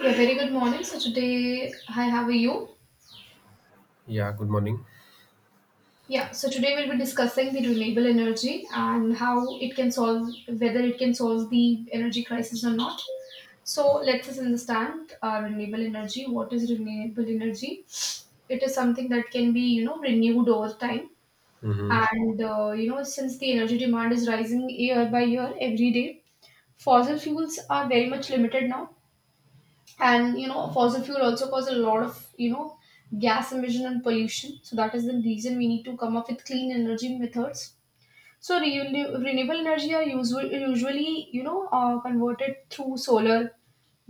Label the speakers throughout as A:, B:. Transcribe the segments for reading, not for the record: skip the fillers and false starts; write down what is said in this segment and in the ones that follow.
A: Yeah, very good morning. So today, hi, how are you?
B: Yeah, good morning.
A: Yeah, so today we'll be discussing the renewable energy and how it can solve, whether it can solve the energy crisis or not. So let us understand renewable energy. What is renewable energy? It is something that can be, renewed over time.
B: Mm-hmm.
A: And since the energy demand is rising year by year, every day, fossil fuels are very much limited now, and fossil fuel also cause a lot of gas emission and pollution. So that is the reason we need to come up with clean energy methods. So renewable energy are usually converted through solar,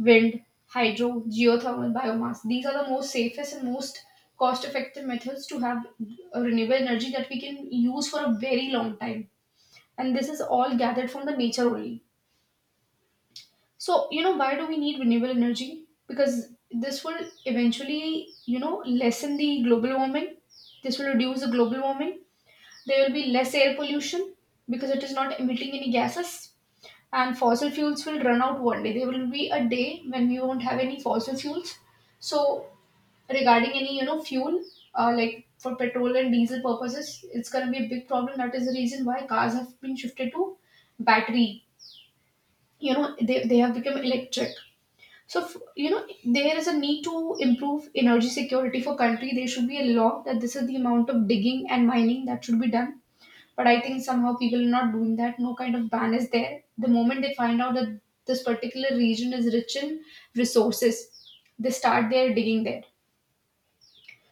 A: wind, hydro, geothermal, biomass. These are the most safest and most cost effective methods to have a renewable energy that we can use for a very long time, and this is all gathered from the nature only. So, why do we need renewable energy? Because this will eventually, lessen the global warming. This will reduce the global warming. There will be less air pollution because it is not emitting any gases. And fossil fuels will run out one day. There will be a day when we won't have any fossil fuels. So, regarding any, fuel, like for petrol and diesel purposes, it's going to be a big problem. That is the reason why cars have been shifted to battery. They have become electric. So, there is a need to improve energy security for country. There should be a law that this is the amount of digging and mining that should be done. But I think somehow people are not doing that. No kind of ban is there. The moment they find out that this particular region is rich in resources, they start their digging there.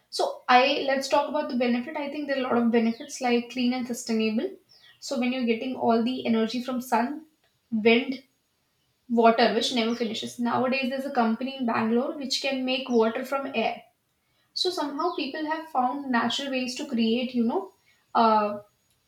A: So I let's talk about the benefit. I think there are a lot of benefits like clean and sustainable. So when you're getting all the energy from sun, wind, water which never finishes. Nowadays, there's a company in Bangalore which can make water from air. So somehow people have found natural ways to create, uh,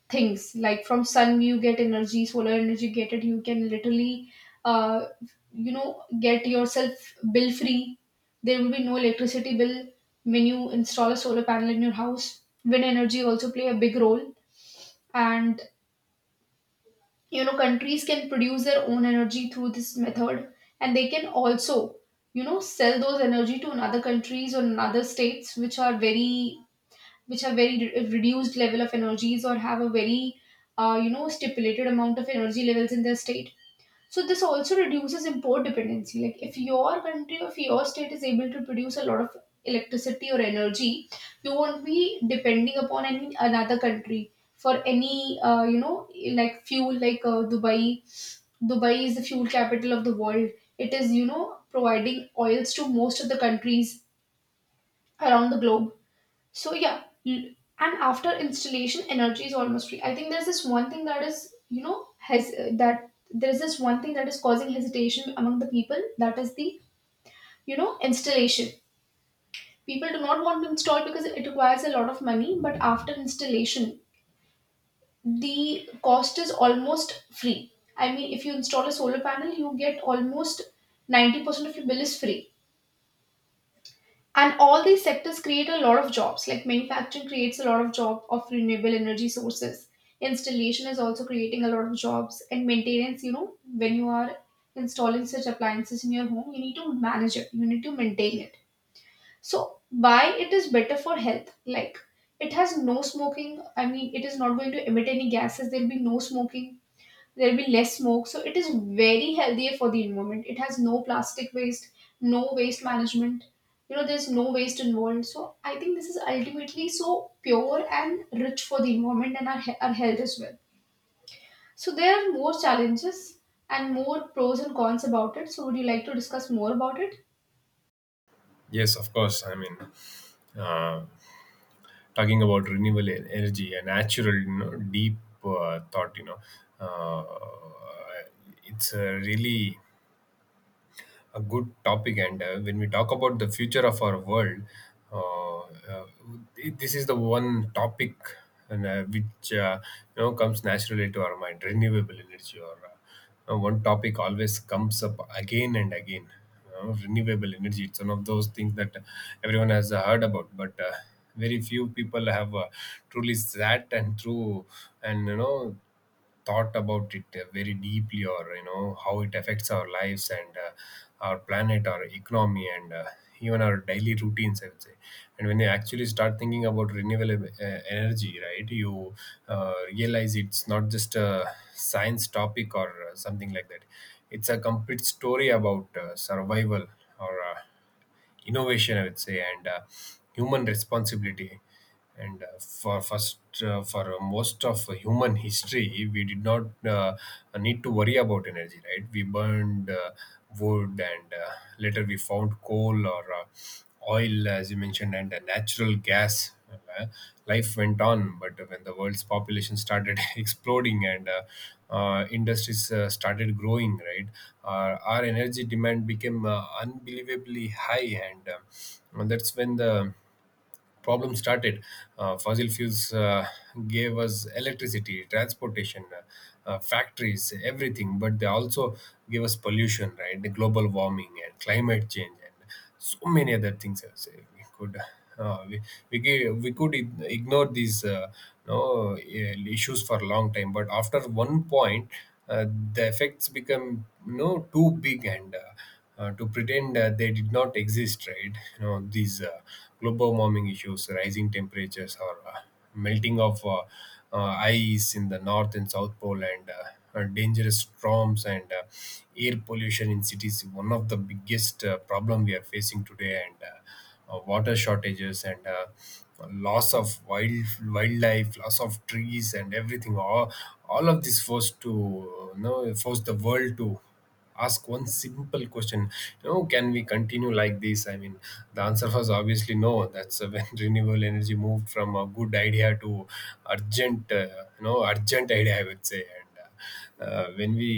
A: things like from sun you get energy, solar energy get it. You can literally, uh, get yourself bill free. There will be no electricity bill when you install a solar panel in your house. Wind energy also play a big role, and countries can produce their own energy through this method, and they can also sell those energy to another countries or another states which are very which have very reduced level of energies or have a very stipulated amount of energy levels in their state. So this also reduces import dependency. Like if your country or if your state is able to produce a lot of electricity or energy, you won't be depending upon any another country for any like fuel. Like Dubai is the fuel capital of the world. It is providing oils to most of the countries around the globe. So yeah, and after installation, energy is almost free. I think there's this one thing that is, has that there is this one thing that is causing hesitation among the people. That is the installation. People do not want to install because it requires a lot of money. But after installation, the cost is almost free. I mean, if you install a solar panel, you get almost 90% of your bill is free, and all these sectors create a lot of jobs. Like manufacturing creates a lot of job of renewable energy sources. Installation is also creating a lot of jobs, and maintenance, when you are installing such appliances in your home, you need to manage it, you need to maintain it. So why it is better for health? Like it has no smoking, I mean, it is not going to emit any gases. There'll be no smoking, there'll be less smoke, so it is very healthier for the environment. It has no plastic waste, no waste management, there's no waste involved. So I think this is ultimately so pure and rich for the environment and our health as well. So there are more challenges and more pros and cons about it. So would you like to discuss more about it?
B: Yes, of course. I mean, uh, talking about energy, a natural, you know, deep thought, uh, it's a really a good topic. And when we talk about the future of our world, uh, uh, this is the one topic and, which you know comes naturally to our mind: renewable energy. Or one topic always comes up again and again. You know, renewable energy. It's one of those things that everyone has heard about, but very few people have truly sat and through and you know thought about it very deeply, or you know how it affects our lives and our planet, our economy, and even our daily routines, I would say. And when you actually start thinking about renewable energy, right, you realize it's not just a science topic or something like that. It's a complete story about survival or innovation, I would say, and human responsibility. And for most of human history, we did not need to worry about energy, right? We burned wood, and later we found coal or oil, as you mentioned, and natural gas. Life went on, but when the world's population started exploding and industries started growing, right, our energy demand became unbelievably high, and that's when the problem started. Fossil fuels gave us electricity, transportation, factories, everything, but they also gave us pollution, right? The global warming and climate change and so many other things. I would say we could. Uh, we we, gave, we could ignore these no issues for a long time, but after one point, uh, the effects become no too big and to pretend that they did not exist, right? You know, these global warming issues, rising temperatures, or melting of ice in the North and South Pole, and dangerous storms and air pollution in cities, one of the biggest problem we are facing today, and water shortages and loss of wildlife, loss of trees, and everything. All of this forced the world to ask one simple question, you know, can we continue like this? I mean, the answer was obviously no. That's when renewable energy moved from a good idea to urgent you know urgent idea, I would say. And when we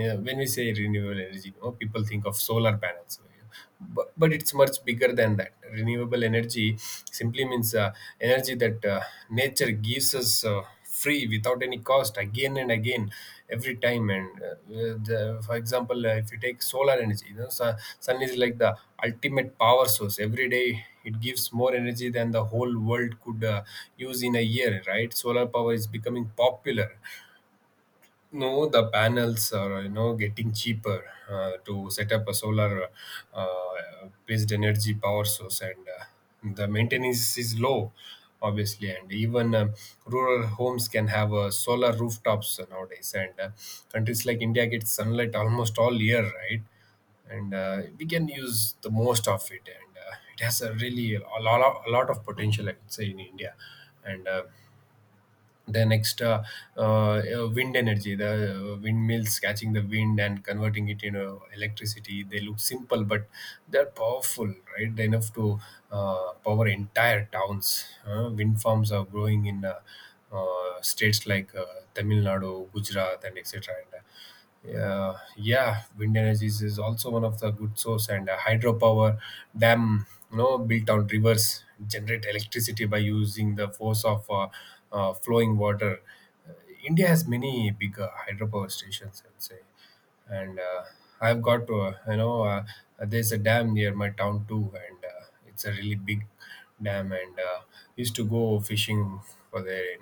B: yeah, when we say renewable energy, you know, people think of solar panels. So, yeah, but it's much bigger than that. Renewable energy simply means energy that nature gives us free without any cost, again and again, every time. And for example, if you take solar energy, you know, sun is like the ultimate power source. Every day it gives more energy than the whole world could use in a year, right? Solar power is becoming popular. No, the panels are you know getting cheaper to set up a solar uh, based energy power source, and the maintenance is low, obviously. And even rural homes can have solar rooftops nowadays. And countries like India get sunlight almost all year, right? And we can use the most of it, and it has a really a lot of potential, I would say, in India. And the next uh, wind energy, the windmills catching the wind and converting it into electricity, they look simple, but they're powerful, right? They're enough to power entire towns. Wind farms are growing in states like Tamil Nadu, Gujarat, and etc. Yeah, wind energy is also one of the good source, and hydropower dam, you know, built on rivers, generate electricity by using the force of flowing water. Uh, India has many big hydropower stations, I'd say, and I've got you know there's a dam near my town too, and it's a really big dam, and used to go fishing for there.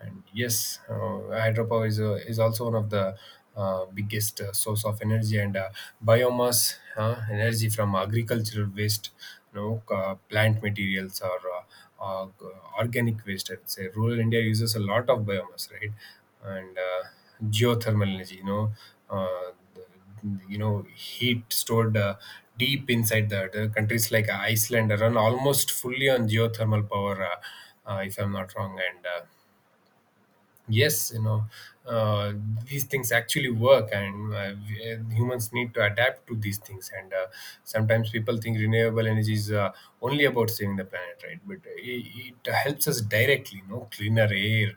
B: And yes, hydropower is also one of the biggest source of energy, and biomass energy from agricultural waste, you know, plant materials or uh, uh, organic waste. I'd say rural India uses a lot of biomass, right? And geothermal energy, you know, uh, the, heat stored deep inside the Countries like Iceland run almost fully on geothermal power. If I'm not wrong, and yes, you know, uh, these things actually work, and and humans need to adapt to these things. And sometimes people think renewable energy is only about saving the planet, right? But it helps us directly, you know, cleaner air.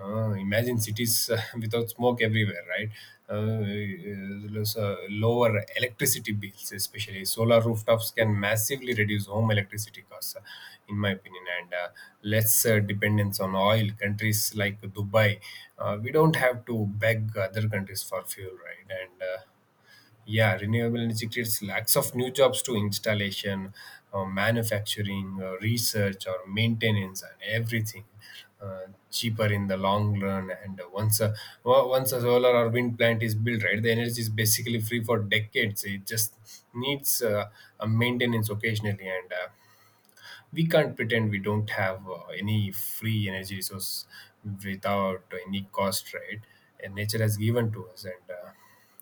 B: Imagine cities without smoke everywhere, right? Uh, there's lower electricity bills, especially solar rooftops, can massively reduce home electricity costs, in my opinion. And less dependence on oil. Countries like Dubai, we don't have to beg other countries for fuel, right? And yeah, renewable energy creates lakhs of new jobs to installation, manufacturing, research, or maintenance, and everything. Cheaper in the long run, and once a solar or wind plant is built, right, the energy is basically free for decades. It just needs a maintenance occasionally. And we can't pretend we don't have any free energy resource without any cost, right? And nature has given to us, and uh,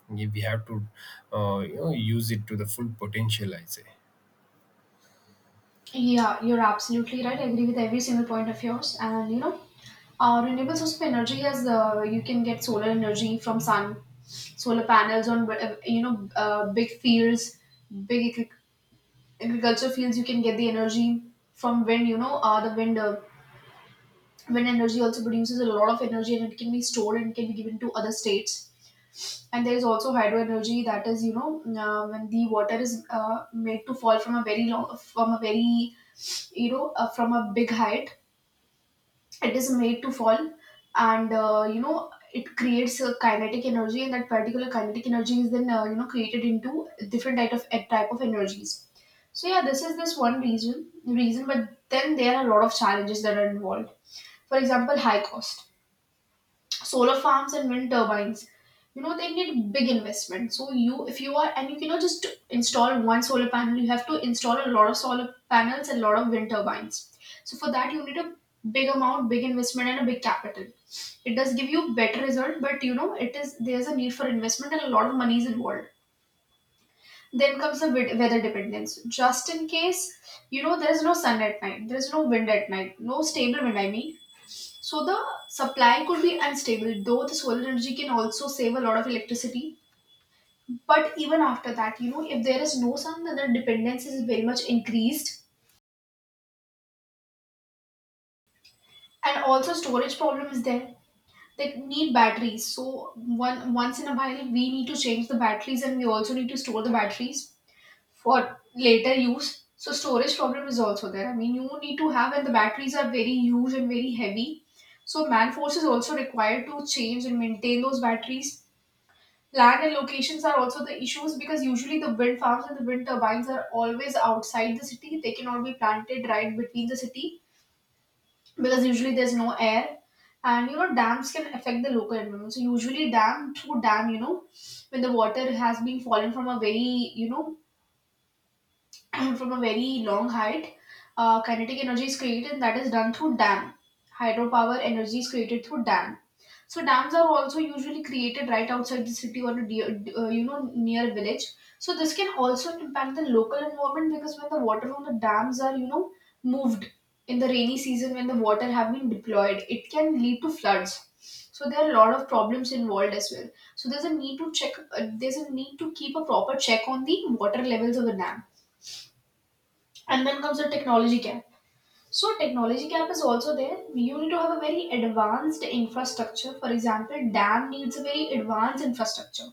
B: we we have to you know use it to the full potential, I say.
A: Yeah, you're absolutely right. I agree with every single point of yours. And renewable source of energy is, you can get solar energy from sun, solar panels on big fields, big agri- agriculture fields. You can get the energy from wind. The wind wind energy also produces a lot of energy, and it can be stored and can be given to other states. And there is also hydro energy, that is, when the water is made to fall from a very you know from a big height. It is made to fall, and it creates a kinetic energy, and that particular kinetic energy is then created into different type of energies. So yeah, this is this one reason, but then there are a lot of challenges that are involved. For example, high cost. Solar farms and wind turbines, they need big investment. So you if you are and you cannot just install one solar panel, you have to install a lot of solar panels and a lot of wind turbines. So for that you need a big amount, big investment, and a big capital. It does give you better result, but it is there's a need for investment, and a lot of money is involved. Then comes the weather dependence. Just in case, there's no sun at night, there's no wind at night, no stable wind, I mean, so the supply could be unstable, though the solar energy can also save a lot of electricity. But even after that, if there is no sun, then the dependence is very much increased, and also storage problem is there. They need batteries, so one once in a while we need to change the batteries, and we also need to store the batteries for later use. So storage problem is also there. I mean, you need to have, and the batteries are very huge and very heavy. So man force is also required to change and maintain those batteries. Land and locations are also the issues because usually the wind farms and the wind turbines are always outside the city. They cannot be planted right between the city because usually there's no air. And dams can affect the local environment. So usually dam through dam, when the water has been fallen from a very, from a very long height, kinetic energy is created, and that is done through dam. Hydropower energy is created through dam. So dams are also usually created right outside the city or a dear, you know near village. So this can also impact the local environment because when the water from the dams are moved in the rainy season when the water have been deployed, it can lead to floods. So there are a lot of problems involved as well. So there's a need to check. There's a need to keep a proper check on the water levels of the dam, and then comes the technology gap. So technology gap is also there. You need to have a very advanced infrastructure. For example, dam needs a very advanced infrastructure.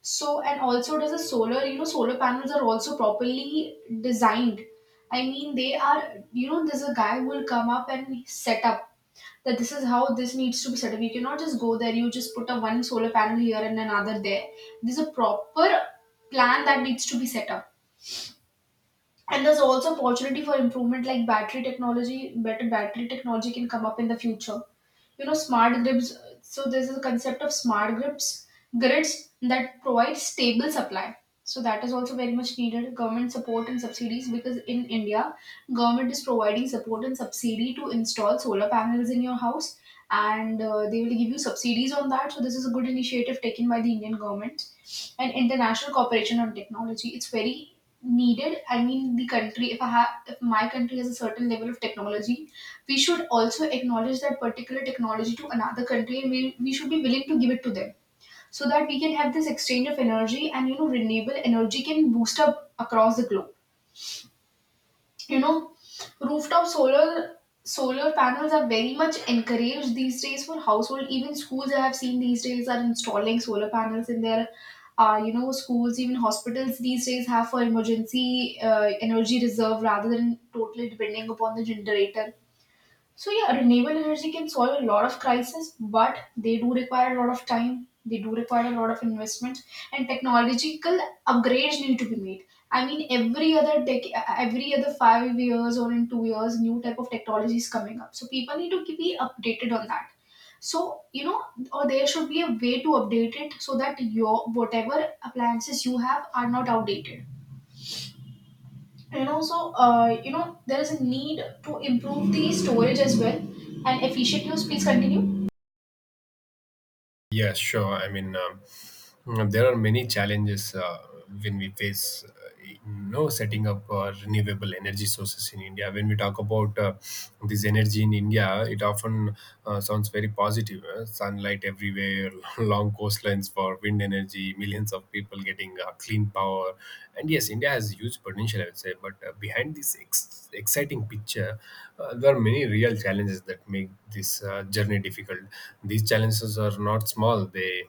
A: So and also does a solar, you know, solar panels are also properly designed. I mean, they are, you know, there's a guy who will come up and set up that this is how this needs to be set up. You cannot just go there, you just put a one solar panel here and another there. There's a proper plan that needs to be set up, and there's also opportunity for improvement, like battery technology better battery technology can come up in the future, smart grids. So there's a concept of smart grids, grids that provide stable supply, so that is also very much needed. Government support and subsidies, because in India government is providing support and subsidy to install solar panels in your house, and they will give you subsidies on that. So this is a good initiative taken by the Indian government. And international cooperation on technology, it's very needed. I mean the country, if I have if my country has a certain level of technology, we should also acknowledge that particular technology to another country, and we should be willing to give it to them, so that we can have this exchange of energy, and you know, renewable energy can boost up across the globe, you know. Rooftop solar, solar panels are very much encouraged these days for household. Even schools I have seen these days are installing solar panels in their, you know, schools. Even hospitals these days have, for emergency, energy reserve rather than totally depending upon the generator. So yeah, renewable energy can solve a lot of crisis, but they do require a lot of time. They do require a lot of investment, and technological upgrades need to be made. I mean, every other 5 years or in 2 years, new type of technology is coming up. So people need to be updated on that. So you know, or there should be a way to update it so that your whatever appliances you have are not outdated. And also, there is a need to improve the storage as well, and efficient use. Please continue.
B: Yeah, sure. I mean, there are many challenges when we face, you know, setting up renewable energy sources in India. When we talk about this energy in India, it often sounds very positive. Sunlight everywhere, long coastlines for wind energy, millions of people getting clean power, and yes, India has huge potential, I would say. But behind this exciting picture, there are many real challenges that make this journey difficult. These challenges are not small; they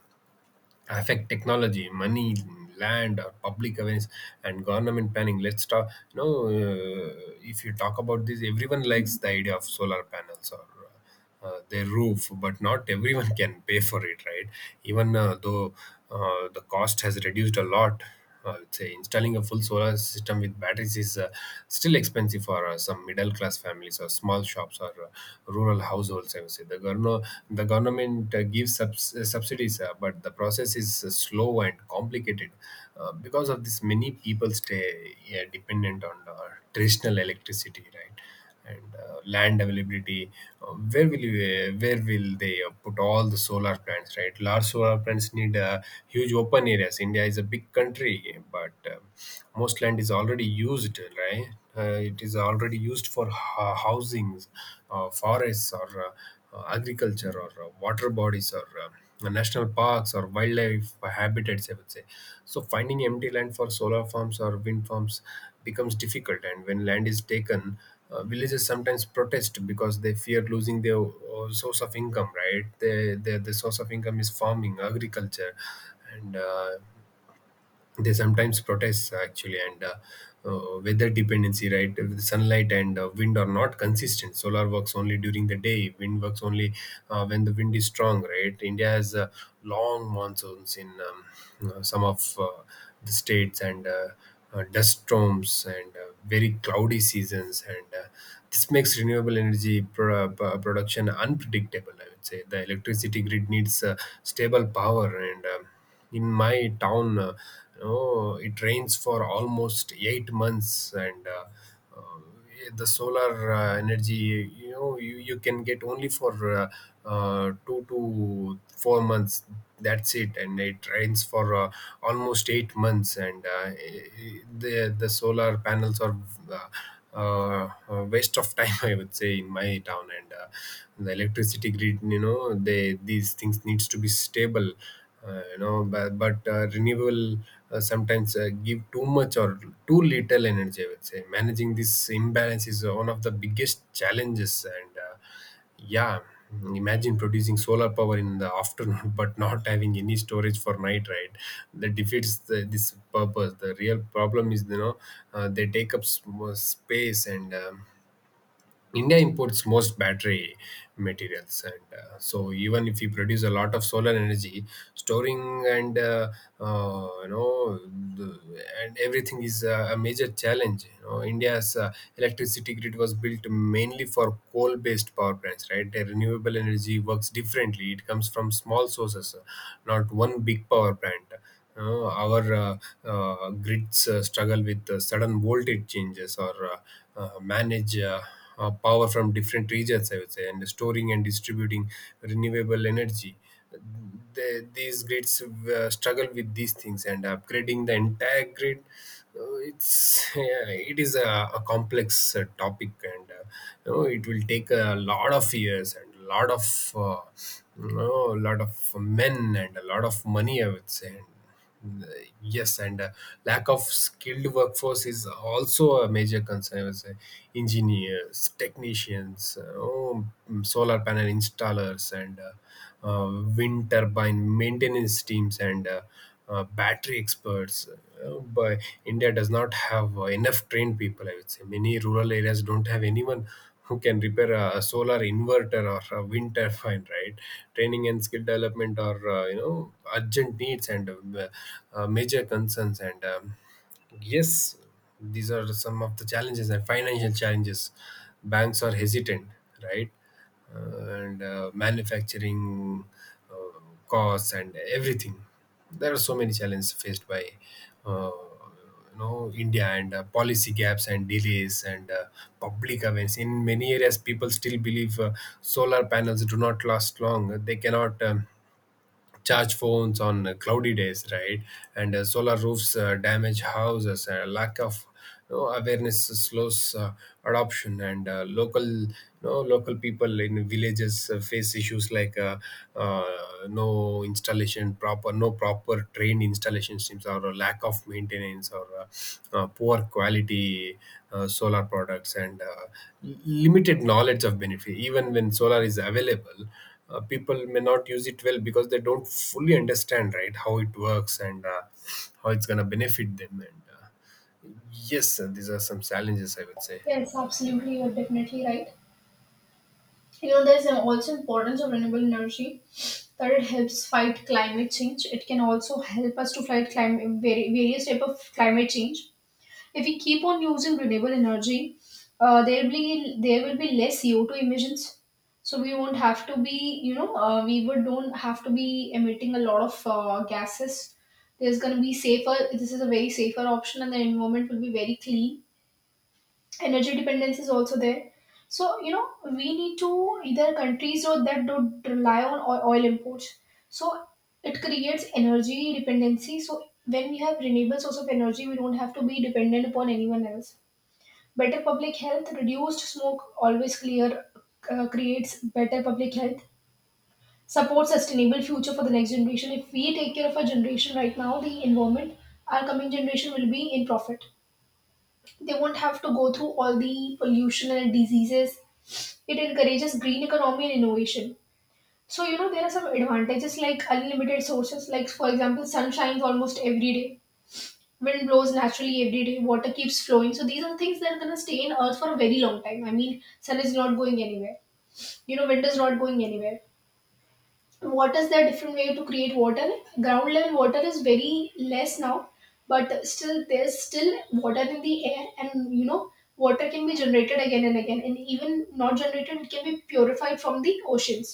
B: affect technology, money, land, or public awareness, and government planning. Let's talk. You know, if you talk about this, everyone likes the idea of solar panels or their roof, but not everyone can pay for it, right? Even though the cost has reduced a lot. I would say installing a full solar system with batteries is still expensive for some middle class families or small shops or rural households. I would say the government subsidies, but the process is slow and complicated. Because of this, many people stay dependent on traditional electricity, right? And land availability. uh, where will you, where will they put all the solar plants, right? Large solar plants need huge open areas. India is a big country, but most land is already used, right? It is already used for housings, forests, or agriculture, or water bodies, or national parks, or wildlife habitats, I would say. So finding empty land for solar farms or wind farms becomes difficult. And when land is taken, villages sometimes protest because they fear losing their source of income, right? The source of income is farming, agriculture. And they sometimes protest actually. And weather dependency, right? With sunlight and wind are not consistent. Solar works only during the day, wind works only when the wind is strong, right? India has long monsoons in some of the states, and dust storms and very cloudy seasons, and this makes renewable energy production unpredictable, I would say. The electricity grid needs stable power. And in my town, you know, it rains for almost 8 months. And uh, the solar energy, you know, you can get only for 2 to 4 months. That's it. And it rains for almost 8 months. And the solar panels are uh, a waste of time, I would say, in my town. And the electricity grid, you know, they these things needs to be stable. But renewable sometimes give too much or too little energy, I would say. Managing this imbalance is one of the biggest challenges. And yeah, imagine producing solar power in the afternoon but not having any storage For night, right? That defeats this purpose. The real problem is, they take up more space. And India imports most battery materials, and so even if we produce a lot of solar energy, storing and you know the, and everything is a major challenge. You know, India's electricity grid was built mainly for coal-based power plants, right? The renewable energy works differently. It comes from small sources, not one big power plant. Our grids struggle with sudden voltage changes, or manage power from different regions, I would say, and storing and distributing renewable energy. These grids struggle with these things, and upgrading the entire grid, it's yeah, it is a complex topic, and it will take a lot of years and a lot of, a lot of men and a lot of money, I would say. Yes, and lack of skilled workforce is also a major concern. I would say engineers, technicians, solar panel installers, and wind turbine maintenance teams, and battery experts. But India does not have enough trained people. I would say many rural areas don't have anyone who can repair a solar inverter or a wind turbine, right? Training and skill development are, urgent needs and major concerns and Yes, these are some of the challenges, and financial challenges, banks are hesitant, right? And Manufacturing uh, costs and everything. There are so many challenges faced by, uh, you know, India, and policy gaps and delays, and public awareness. In many areas, people still believe solar panels do not last long. They cannot. Charge phones on cloudy days, right? And Solar roofs damage houses. Lack of, awareness slows adoption, and local people in villages face issues like uh, no installation proper, no proper trained installation systems, or a lack of maintenance, or poor quality solar products, and limited knowledge of benefit. Even when solar is available, people may not use it well because they don't fully understand, right, how it works and how it's going to benefit them. And Yes, these are some challenges, I would say.
A: Yes, absolutely. You're definitely right. You know, there's also importance of renewable energy, that it helps fight climate change. It can also help us to fight climate, various type of climate change. If we keep on using renewable energy, there will be less CO2 emissions. So we won't have to be, you know, we would don't have to be emitting a lot of gases. There's going to be safer. This is a very safer option, and the environment will be very clean. Energy dependence is also there. So you know, we need to either countries or that don't rely on oil imports. So it creates energy dependency. So when we have renewable source of energy, we don't have to be dependent upon anyone else. Better public health, reduced smoke, always clear, creates better public health. Support sustainable future for the next generation. If we take care of our generation right now, the environment, our coming generation will be in profit. They won't have to go through all the pollution and diseases. It encourages green economy and innovation. So you know, there are some advantages like unlimited sources. Like for example, sun shines almost every day, wind blows naturally every day, water keeps flowing. So these are things that are going to stay in earth for a very long time. I mean, sun is not going anywhere, you know, wind is not going anywhere. Waters, there are different way to create water. Ground level water is very less now, but still there's still water in the air, and you know, water can be generated again and again, and even not generated, it can be purified from the oceans.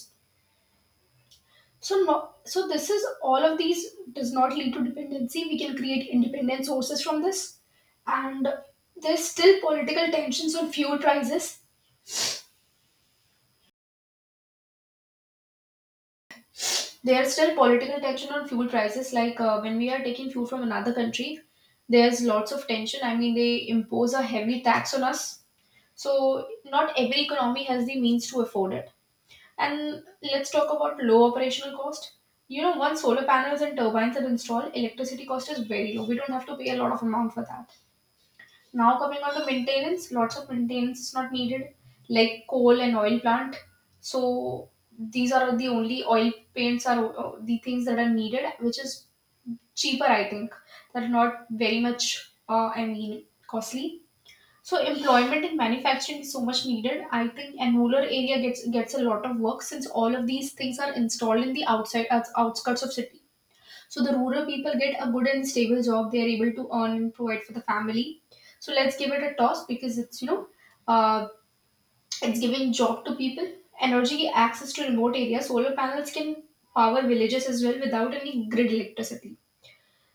A: So no, so this, is all of these does not lead to dependency. We can create independent sources from this, and there's still political tensions on fuel prices. There's still political tension on fuel prices. Like when we are taking fuel from another country, there's lots of tension. I mean, they impose a heavy tax on us. So not every economy has the means to afford it. And let's talk about low operational cost. You know, once solar panels and turbines are installed, electricity cost is very low. We don't have to pay a lot of amount for that. Now coming on to maintenance, lots of maintenance is not needed, like coal and oil plant. So these are the only oil paints are the things that are needed, which is cheaper, I think. That are not very much, I mean, costly. So employment in manufacturing is so much needed, I think. And rural area gets a lot of work, since all of these things are installed in the outside, outskirts of city. So the rural people get a good and stable job. They are able to earn and provide for the family. So let's give it a toss, because it's, you know, uh, it's giving job to people. Energy access to remote areas. Solar panels can power villages as well without any grid electricity.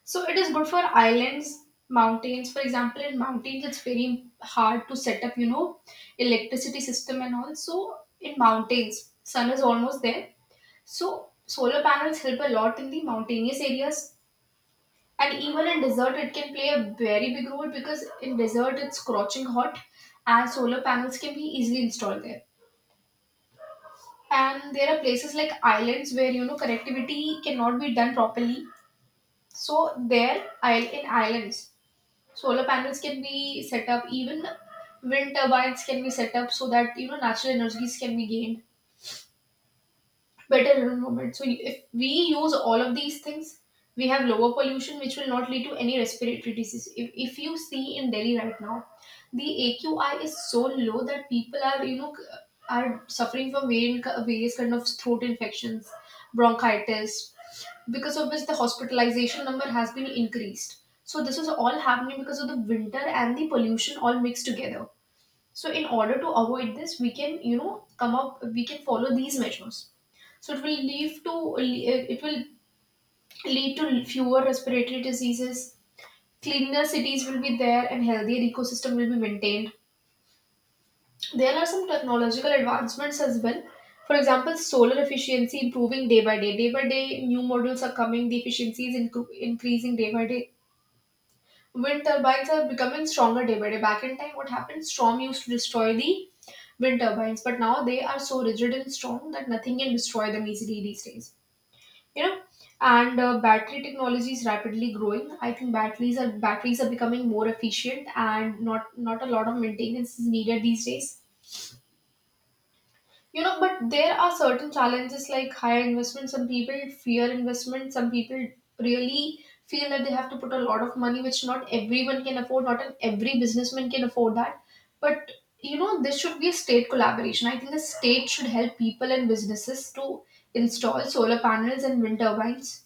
A: So it is good for islands, mountains. For example, in mountains, it's very hard to set up, you know, electricity system and all. So in mountains, sun is almost there. So solar panels help a lot in the mountainous areas. And even in desert, it can play a very big role, because in desert it's scorching hot, and solar panels can be easily installed there. And there are places like islands where you know connectivity cannot be done properly. So there, isle in islands, solar panels can be set up. Even wind turbines can be set up, so that you know natural energies can be gained. Better environment. So if we use all of these things, we have lower pollution, which will not lead to any respiratory disease. If you see in Delhi right now, the AQI is so low that people are, you know, are suffering from various kind of throat infections, bronchitis, because of which the hospitalization number has been increased. So this is all happening because of the winter and the pollution all mixed together. So in order to avoid this, we can, you know, come up, we can follow these measures. So it will lead to fewer respiratory diseases. Cleaner cities will be there, and healthier ecosystem will be maintained. There are some technological advancements as well. For example, solar efficiency improving day by day. Day by day, new models are coming. The efficiency is increasing day by day. Wind turbines are becoming stronger day by day. Back in time, what happened? Storm used to destroy the wind turbines, but now they are so rigid and strong that nothing can destroy them easily these days. You know, and battery technology is rapidly growing. I think batteries are becoming more efficient, and not a lot of maintenance is needed these days, you know. But there are certain challenges like higher investment. Some people fear investment. Some people really feel that they have to put a lot of money, which not everyone can afford. Not an every businessman can afford that. But you know, there should be a state collaboration. I think the state should help people and businesses to install solar panels and wind turbines,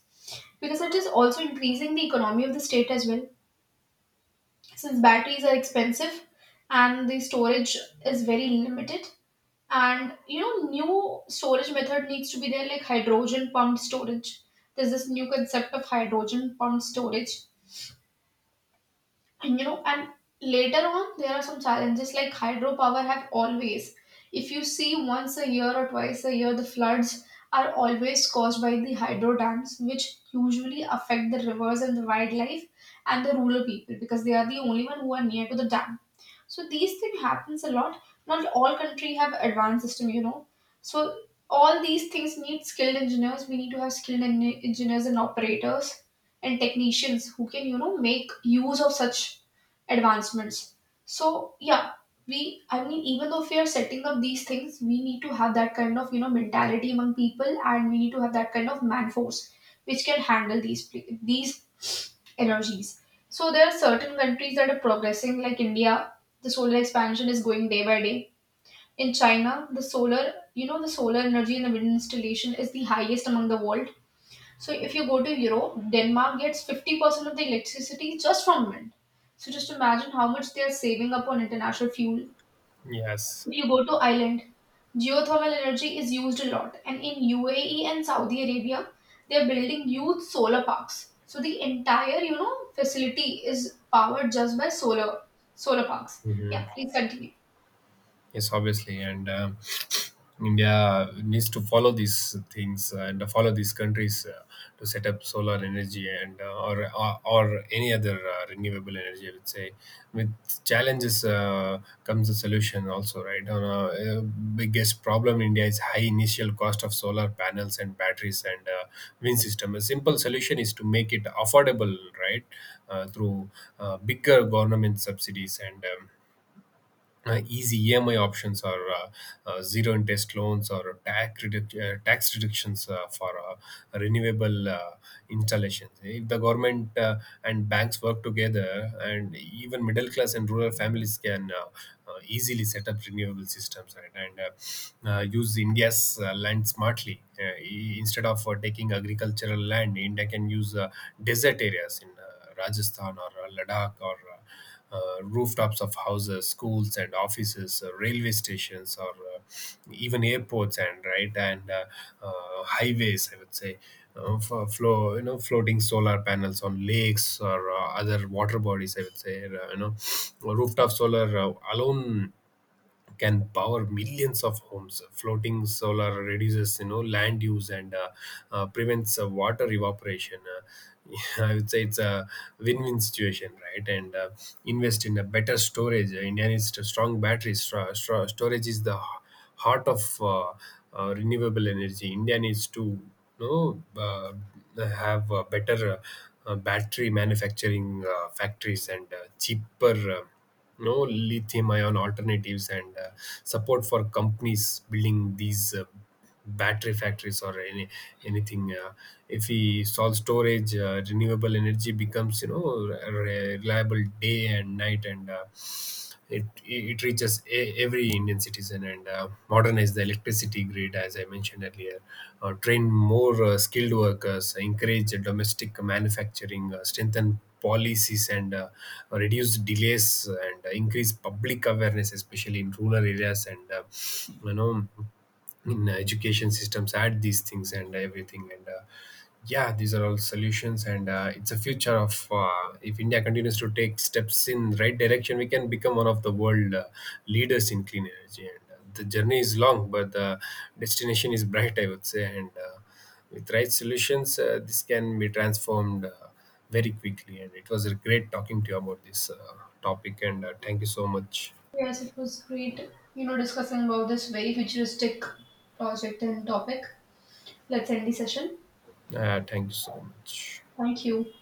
A: because it is also increasing the economy of the state as well. Since batteries are expensive and the storage is very limited, and you know, new storage method needs to be there, like hydrogen pumped storage. There's this new concept of hydrogen pumped storage. And you know, and later on, there are some challenges like hydropower have always, if you see once a year or twice a year, the floods are always caused by the hydro dams, which usually affect the rivers and the wildlife and the rural people, because they are the only one who are near to the dam. So these things happens a lot. Not all country have advanced system, you know. So all these things need skilled engineers. We need to have skilled engineers and operators and technicians who can you know make use of such advancements. So yeah, we I mean, even though if we are setting up these things, we need to have that kind of, you know, mentality among people, and we need to have that kind of man force which can handle these, these energies. So there are certain countries that are progressing, like India. The solar expansion is going day by day. In China, the solar, you know, the solar energy in the wind installation is the highest among the world. So if you go to Europe, Denmark gets 50% of the electricity just from wind. So just imagine how much they are saving up on international fuel.
B: Yes.
A: If you go to Ireland, geothermal energy is used a lot. And in UAE and Saudi Arabia, they are building huge solar parks. So the entire, you know, facility is powered just by solar, solar parks. Yeah,
B: Hmm.
A: please continue.
B: Yes, obviously. And India needs to follow these things and follow these countries to set up solar energy, or or any other renewable energy, I would say. With challenges comes the solution also, right? On biggest problem in India is high initial cost of solar panels and batteries, and wind system. A simple solution is to make it affordable, right, through bigger government subsidies and. Easy EMI options, or zero interest loans, or tax reductions for renewable installations. If the government and banks work together, and even middle class and rural families can, easily set up renewable systems, right? and Use India's land smartly. Instead of taking agricultural land, India can use desert areas in Rajasthan, or Ladakh, or rooftops of houses, schools, and offices, railway stations, or even airports, and right, and uh, highways, I would say. For you know, floating solar panels on lakes or other water bodies, I would say. Rooftop solar alone can power millions of homes. Floating solar reduces, you know, land use, and prevents water evaporation. I would say it's a win-win situation, right? and Invest in a better storage. India needs to strong batteries. Storage is the heart of uh, renewable energy. India needs to, you know uh, have better battery manufacturing factories, and cheaper, no lithium ion alternatives, and support for companies building these battery factories or anything. If we solve storage, renewable energy becomes, you know, reliable day and night, and it reaches every Indian citizen, and modernize the electricity grid, as I mentioned earlier. Train more skilled workers, encourage domestic manufacturing, strengthen policies, and reduce delays, and increase public awareness, especially in rural areas, and you know in education systems add these things and everything. And Yeah, these are all solutions, and it's a future of, if India continues to take steps in right direction, we can become one of the world leaders in clean energy, and the journey is long, but the destination is bright, I would say. And With right solutions, this can be transformed very quickly. And it was a great talking to you about this topic. And Thank you so much.
A: Yes, it was great, you know, discussing about this very futuristic project and topic. Let's end the session.
B: Thank you so much.
A: Thank you.